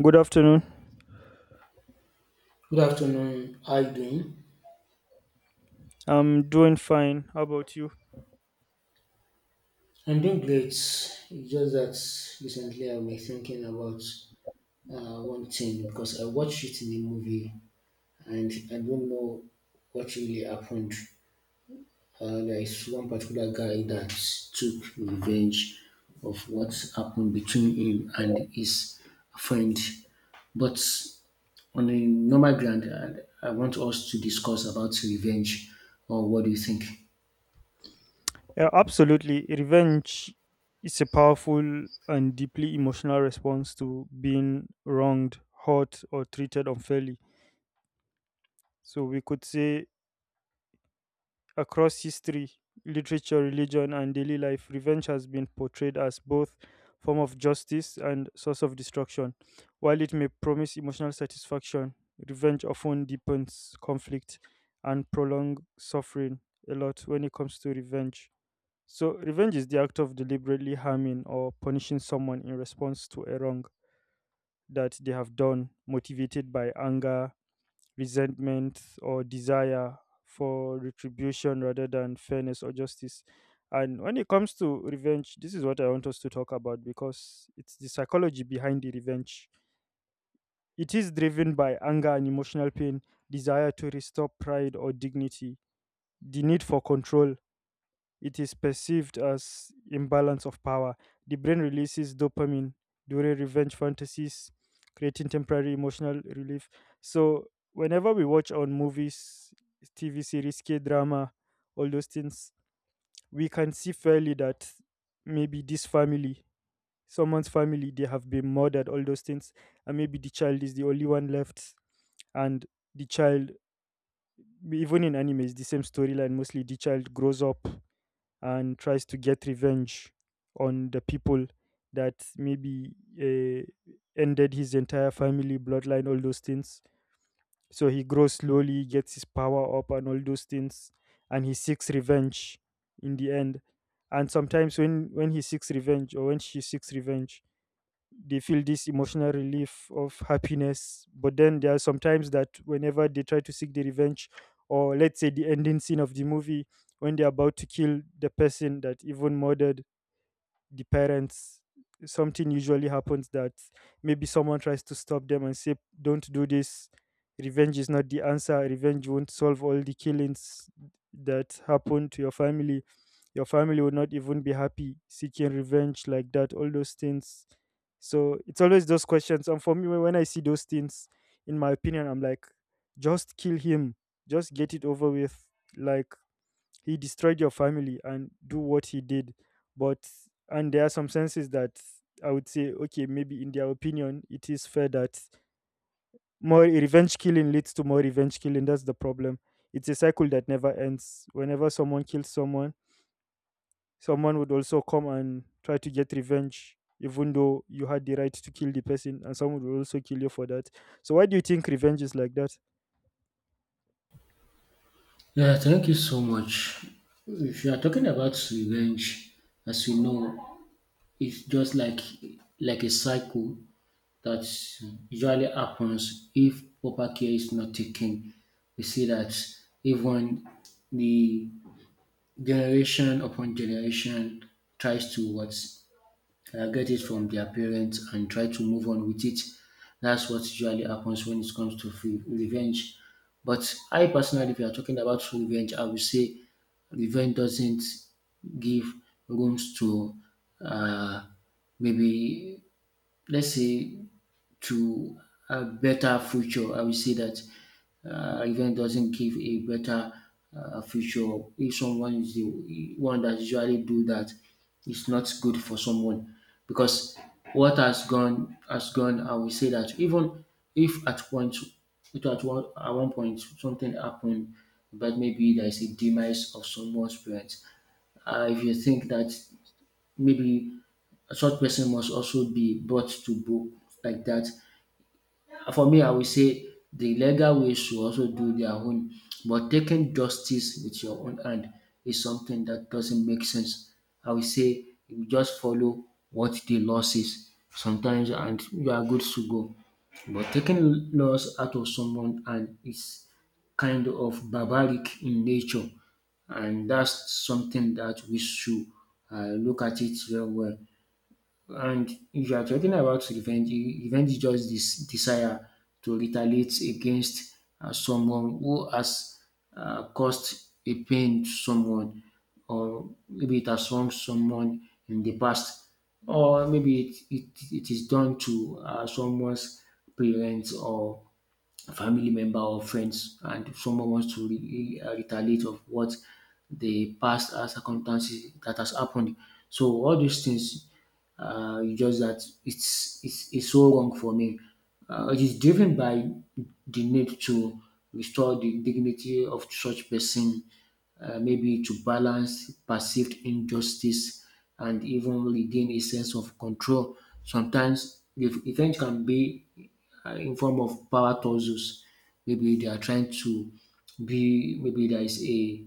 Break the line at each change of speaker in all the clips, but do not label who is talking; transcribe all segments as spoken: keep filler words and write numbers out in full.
Good afternoon.
Good afternoon. How you doing?
I'm doing fine. How about you?
I'm doing great. It's just that recently I was thinking about uh, one thing because I watched it in a movie and I don't know what really happened. Uh, there is one particular guy that took revenge of what happened between him and his friend. But on a normal ground, I, I want us to discuss about revenge, or what do you think?
Yeah, absolutely. Revenge is a powerful and deeply emotional response to being wronged, hurt, or treated unfairly. So we could say across history, literature, religion, and daily life, revenge has been portrayed as both form of justice and source of destruction. While it may promise emotional satisfaction, revenge often deepens conflict and prolongs suffering a lot when it comes to revenge. So, revenge is the act of deliberately harming or punishing someone in response to a wrong that they have done, motivated by anger, resentment, or desire for retribution rather than fairness or justice. And when it comes to revenge, this is what I want us to talk about because it's the psychology behind the revenge. It is driven by anger and emotional pain, desire to restore pride or dignity, the need for control, it is perceived as imbalance of power. The brain releases dopamine during revenge fantasies, creating temporary emotional relief. So whenever we watch on movies, T V series, K drama, all those things, we can see fairly that maybe this family, someone's family, they have been murdered, all those things, and maybe the child is the only one left, and the child, even in anime, it's the same storyline. Mostly, the child grows up and tries to get revenge on the people that maybe uh, ended his entire family bloodline, all those things. So he grows, slowly gets his power up and all those things, and he seeks revenge in the end. And sometimes, when when he seeks revenge or when she seeks revenge, they feel this emotional relief of happiness. But then there are sometimes that whenever they try to seek the revenge, or let's say the ending scene of the movie, when they're about to kill the person that even murdered the parents, something usually happens that maybe someone tries to stop them and say, don't do this. Revenge is not the answer. Revenge won't solve all the killings that happened to your family. Your family will not even be happy seeking revenge like that, all those things. So it's always those questions. And for me, when when I see those things, in my opinion, I'm like, just kill him, just get it over with, like, he destroyed your family and do what he did. But and there are some senses that I would say, okay, maybe in their opinion it is fair that more revenge killing leads to more revenge killing. That's the problem. It's a cycle that never ends. Whenever someone kills someone, someone would also come and try to get revenge, even though you had the right to kill the person, and someone will also kill you for that. So why do you think revenge is like that?
Yeah, thank you so much. If you are talking about revenge, as you know, it's just like like a cycle that usually happens if proper care is not taken. We see that even the generation upon generation tries to what, uh, get it from their parents and try to move on with it. That's what usually happens when it comes to re- revenge. But I personally, if you are talking about revenge, I would say revenge doesn't give rooms to uh, maybe, let's say, to a better future. I will say that uh, event doesn't give a better uh, future. If someone is the one that usually do that, it's not good for someone, because what has gone has gone. I will say that even if at point, if at one at one point something happened, but maybe there is a demise of someone's parents. Uh, if you think that maybe a such person must also be brought to book like that, for me, I will say the legal way should also do their own, but taking justice with your own hand is something that doesn't make sense. I will say you just follow what the law says sometimes, and you are good to go. But taking laws out of someone and is kind of barbaric in nature, and that's something that we should uh, look at it very well. And if you are talking about revenge, e- revenge is just this desire to retaliate against uh, someone who has uh, caused a pain to someone, or maybe it has wronged someone in the past, or maybe it, it, it is done to uh, someone's parents or family member or friends, and if someone wants to re- uh, retaliate of what the past uh, circumstances that has happened. So all these things, uh, it's just that it's, it's it's so wrong for me. Uh, it is driven by the need to restore the dignity of such person, uh, maybe to balance perceived injustice and even regain a sense of control. Sometimes the event can be uh, in form of power tussles. Maybe they are trying to be, maybe there is a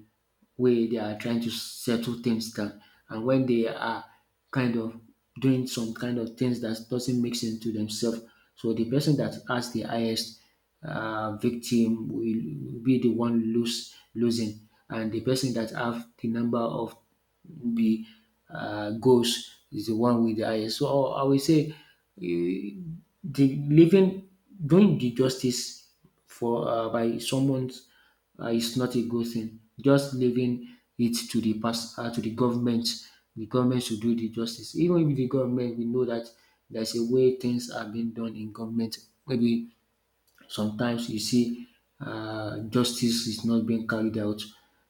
way they are trying to settle things down, and when they are kind of doing some kind of things that doesn't make sense to themselves. So the person that has the highest uh, victim will be the one lose losing, and the person that have the number of the uh, goals is the one with the highest. So I will say the living doing the justice for uh, by someone uh, is not a good thing. Just leaving it to the past, uh, to the government. The government should do the justice. Even if the government, we know that there's a way things are being done in government. Maybe sometimes you see uh, justice is not being carried out.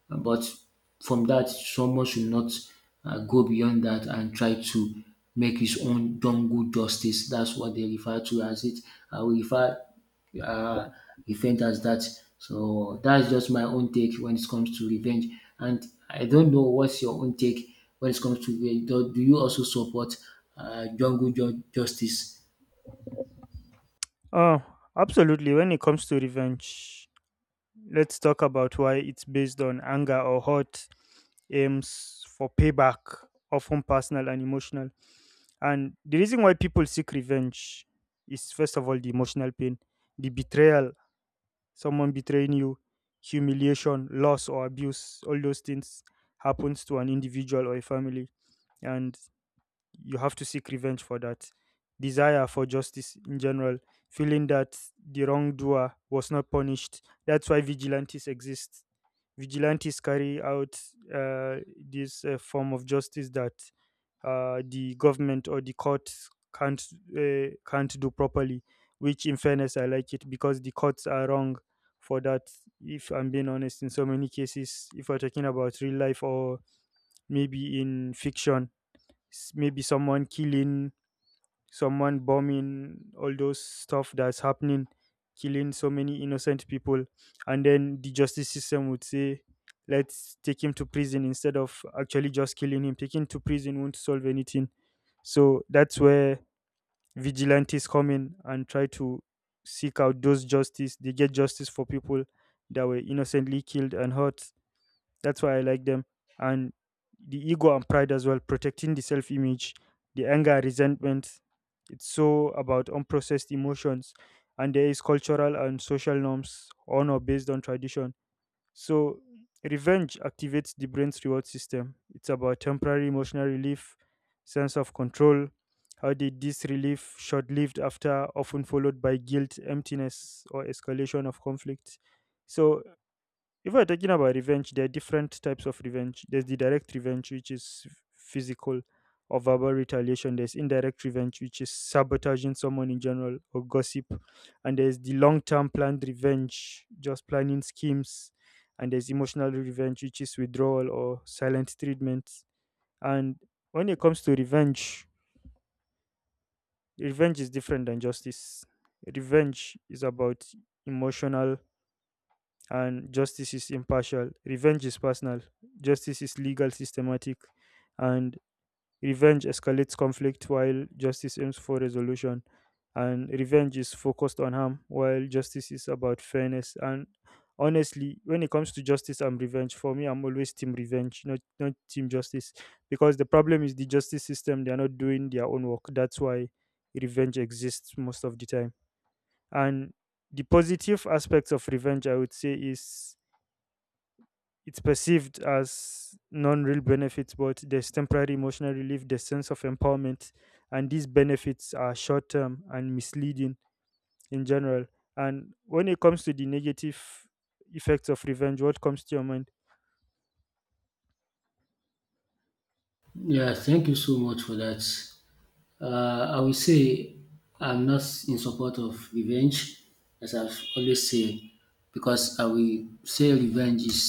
uh, But from that, someone should not uh, go beyond that and try to make his own jungle justice. That's what they refer to as it. I will refer uh, revenge as that. So that's just my own take when it comes to revenge. And I don't know what's your own take when it comes to revenge. Do, do you also support uh, jungle ju- justice?
Oh, absolutely. When it comes to revenge, let's talk about why it's based on anger or hurt, aims for payback, often personal and emotional. And the reason why people seek revenge is, first of all, the emotional pain, the betrayal, someone betraying you, humiliation, loss or abuse, all those things happens to an individual or a family. And you have to seek revenge for that desire for justice in general, feeling that the wrongdoer was not punished. That's why vigilantes exist. Vigilantes carry out uh, this uh, form of justice that uh, the government or the courts can't uh, can't do properly, which in fairness I like it because the courts are wrong for that, if I'm being honest, in so many cases. If we're talking about real life or maybe in fiction, s- maybe someone killing, someone bombing, all those stuff that's happening, killing so many innocent people. And then the justice system would say, let's take him to prison instead of actually just killing him. Taking him to prison won't solve anything. So that's where vigilantes come in and try to seek out those justice. They get justice for people that were innocently killed and hurt. That's why I like them. And the ego and pride as well, protecting the self image, the anger, resentment. It's so about unprocessed emotions. And there is cultural and social norms, honor based on tradition. So revenge activates the brain's reward system. It's about temporary emotional relief, sense of control. How did this relief short lived after often followed by guilt, emptiness, or escalation of conflict? So if we're talking about revenge, there are different types of revenge. There's the direct revenge, which is physical or verbal retaliation. There's indirect revenge, which is sabotaging someone in general or gossip. And there's the long term planned revenge, just planning schemes. And there's emotional revenge, which is withdrawal or silent treatment. And when it comes to revenge, revenge is different than justice. Revenge is about emotional and justice is impartial. Revenge is personal. Justice is legal, systematic, and revenge escalates conflict while justice aims for resolution. And revenge is focused on harm while justice is about fairness. And honestly, when it comes to justice and revenge, for me, I'm always team revenge, not, not team justice. Because the problem is the justice system, they're not doing their own work. That's why revenge exists most of the time. And the positive aspects of revenge, I would say, is it's perceived as non real benefits, but there's temporary emotional relief, there's sense of empowerment, and these benefits are short term and misleading in general. And when it comes to the negative effects of revenge, what comes to your mind?
Yeah, thank you so much for that. Uh, I will say I'm not in support of revenge, as I've always said, because I will say revenge is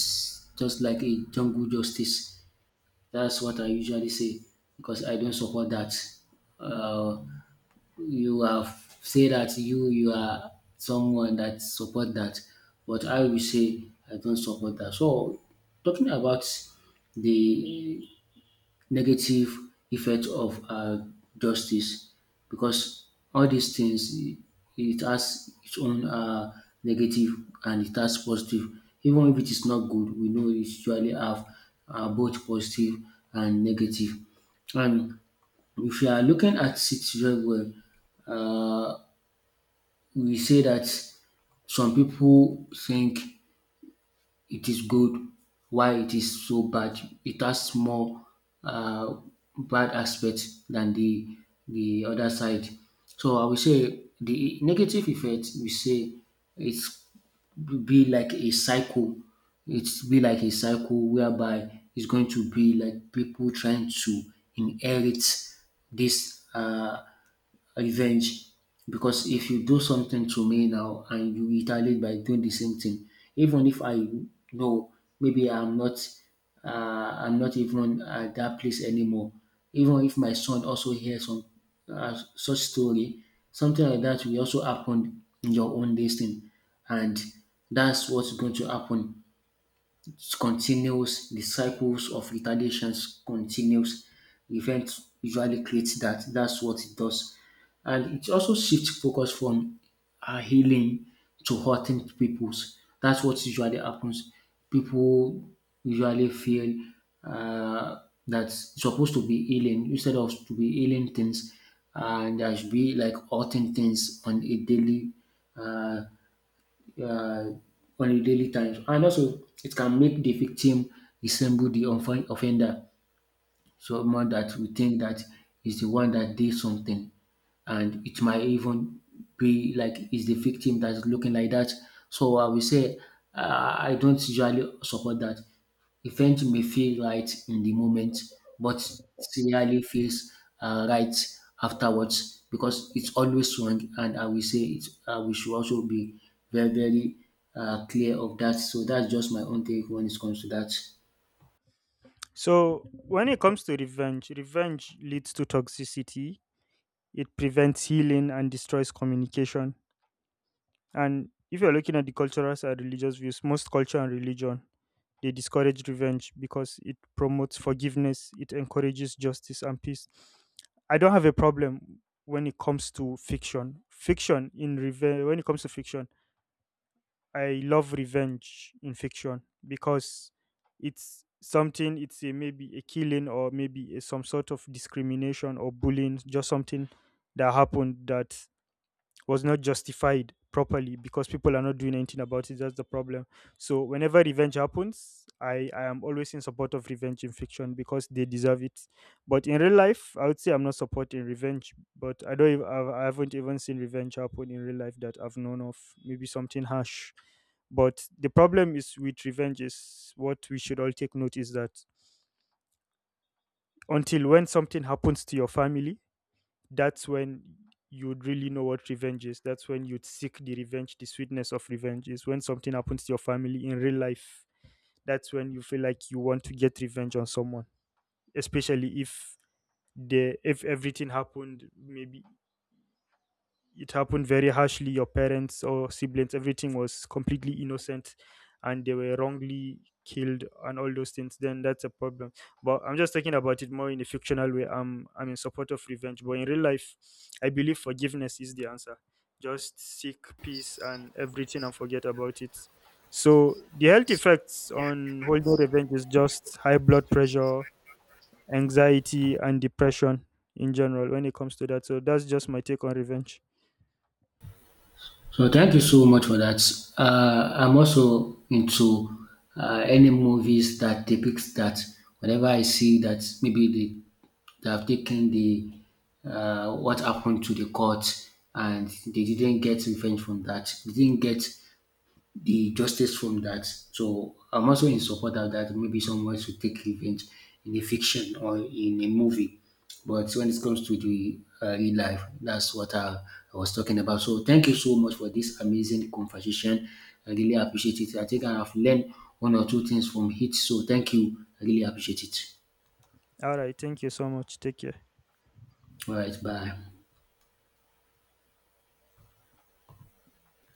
just like a jungle justice. That's what I usually say, because I don't support that. Uh, you have said that you you are someone that support that, but I will say I don't support that. So talking about the negative effect of um justice, because all these things, e, it has its own um negative and it has positive. Even if it is not good, we know it usually have um both positive and negative. And if you are looking at it very well, um we say that some people think it is good, why it is so bad. It has more uh, bad aspects than the the other side. So I will say the negative effect we say it's be like a cycle. It's be like a cycle whereby it's going to be like people trying to inherit this uh revenge, because if you do something to me now and you retaliate by doing the same thing, even if I know, maybe I'm not, uh, I'm not even at that place anymore, even if my son also hears some uh, such story, something like that will also happen in your own destiny, and that's what's going to happen continues, the cycles of retaliations continues. Event usually creates that. That's what it does. And it also shifts focus from uh, healing to hurting people's. That's what usually happens. People usually feel uh, that it's supposed to be healing instead of to be healing things, and there should be like hurting things on a daily uh, on a daily times. And also, it can make the victim resemble the offend- offender, someone that we think that is the one that did something, and it might even be like it's the victim that's looking like that. So I will say uh, I don't usually support that. Event may feel right in the moment, but it really feels uh, right afterwards, because it's always wrong. And I will say it, uh, we should also be very, very uh, clear of that. So that's just my own take when it comes to that.
So, when it comes to revenge, revenge leads to toxicity, it prevents healing and destroys communication. And if you're looking at the cultural and religious views, most culture and religion they discourage revenge because it promotes forgiveness, it encourages justice and peace. I don't have a problem when it comes to fiction. Fiction in revenge when it comes to fiction, I love revenge in fiction because it's something it's a, maybe a killing or maybe a, some sort of discrimination or bullying, just something that happened that was not justified properly because people are not doing anything about it. That's the problem. So whenever revenge happens, I, I am always in support of revenge in fiction because they deserve it. But in real life, I would say I'm not supporting revenge. But I don't. ev- I've- I i have not even seen revenge happen in real life that I've known of. Maybe something harsh. But the problem is with revenge is what we should all take note is that until when something happens to your family, that's when you'd really know what revenge is. That's when you'd seek the revenge, the sweetness of revenge is when something happens to your family in real life. That's when you feel like you want to get revenge on someone, especially if the if everything happened maybe, it happened very harshly, your parents or siblings, everything was completely innocent and they were wrongly killed and all those things, then that's a problem. But I'm just talking about it more in a fictional way. I'm i'm in support of revenge. But in real life, I believe forgiveness is the answer. Just seek peace and everything and forget about it. So the health effects on holding revenge is just high blood pressure, anxiety and depression in general when it comes to that. So that's just my take on revenge.
So thank you so much for that. Uh, I'm also into uh, any movies that depicts that. Whenever I see that, maybe they, they have taken the uh, what happened to the court, and they didn't get revenge from that, they didn't get the justice from that. So I'm also in support of that. Maybe someone should take revenge in a fiction or in a movie. But when it comes to the uh, real life, that's what I, I was talking about. So thank you so much for this amazing conversation. I really appreciate it. I think I have learned one or two things from it. So thank you. I really appreciate it.
All right. Thank you so much. Take care.
All right. Bye.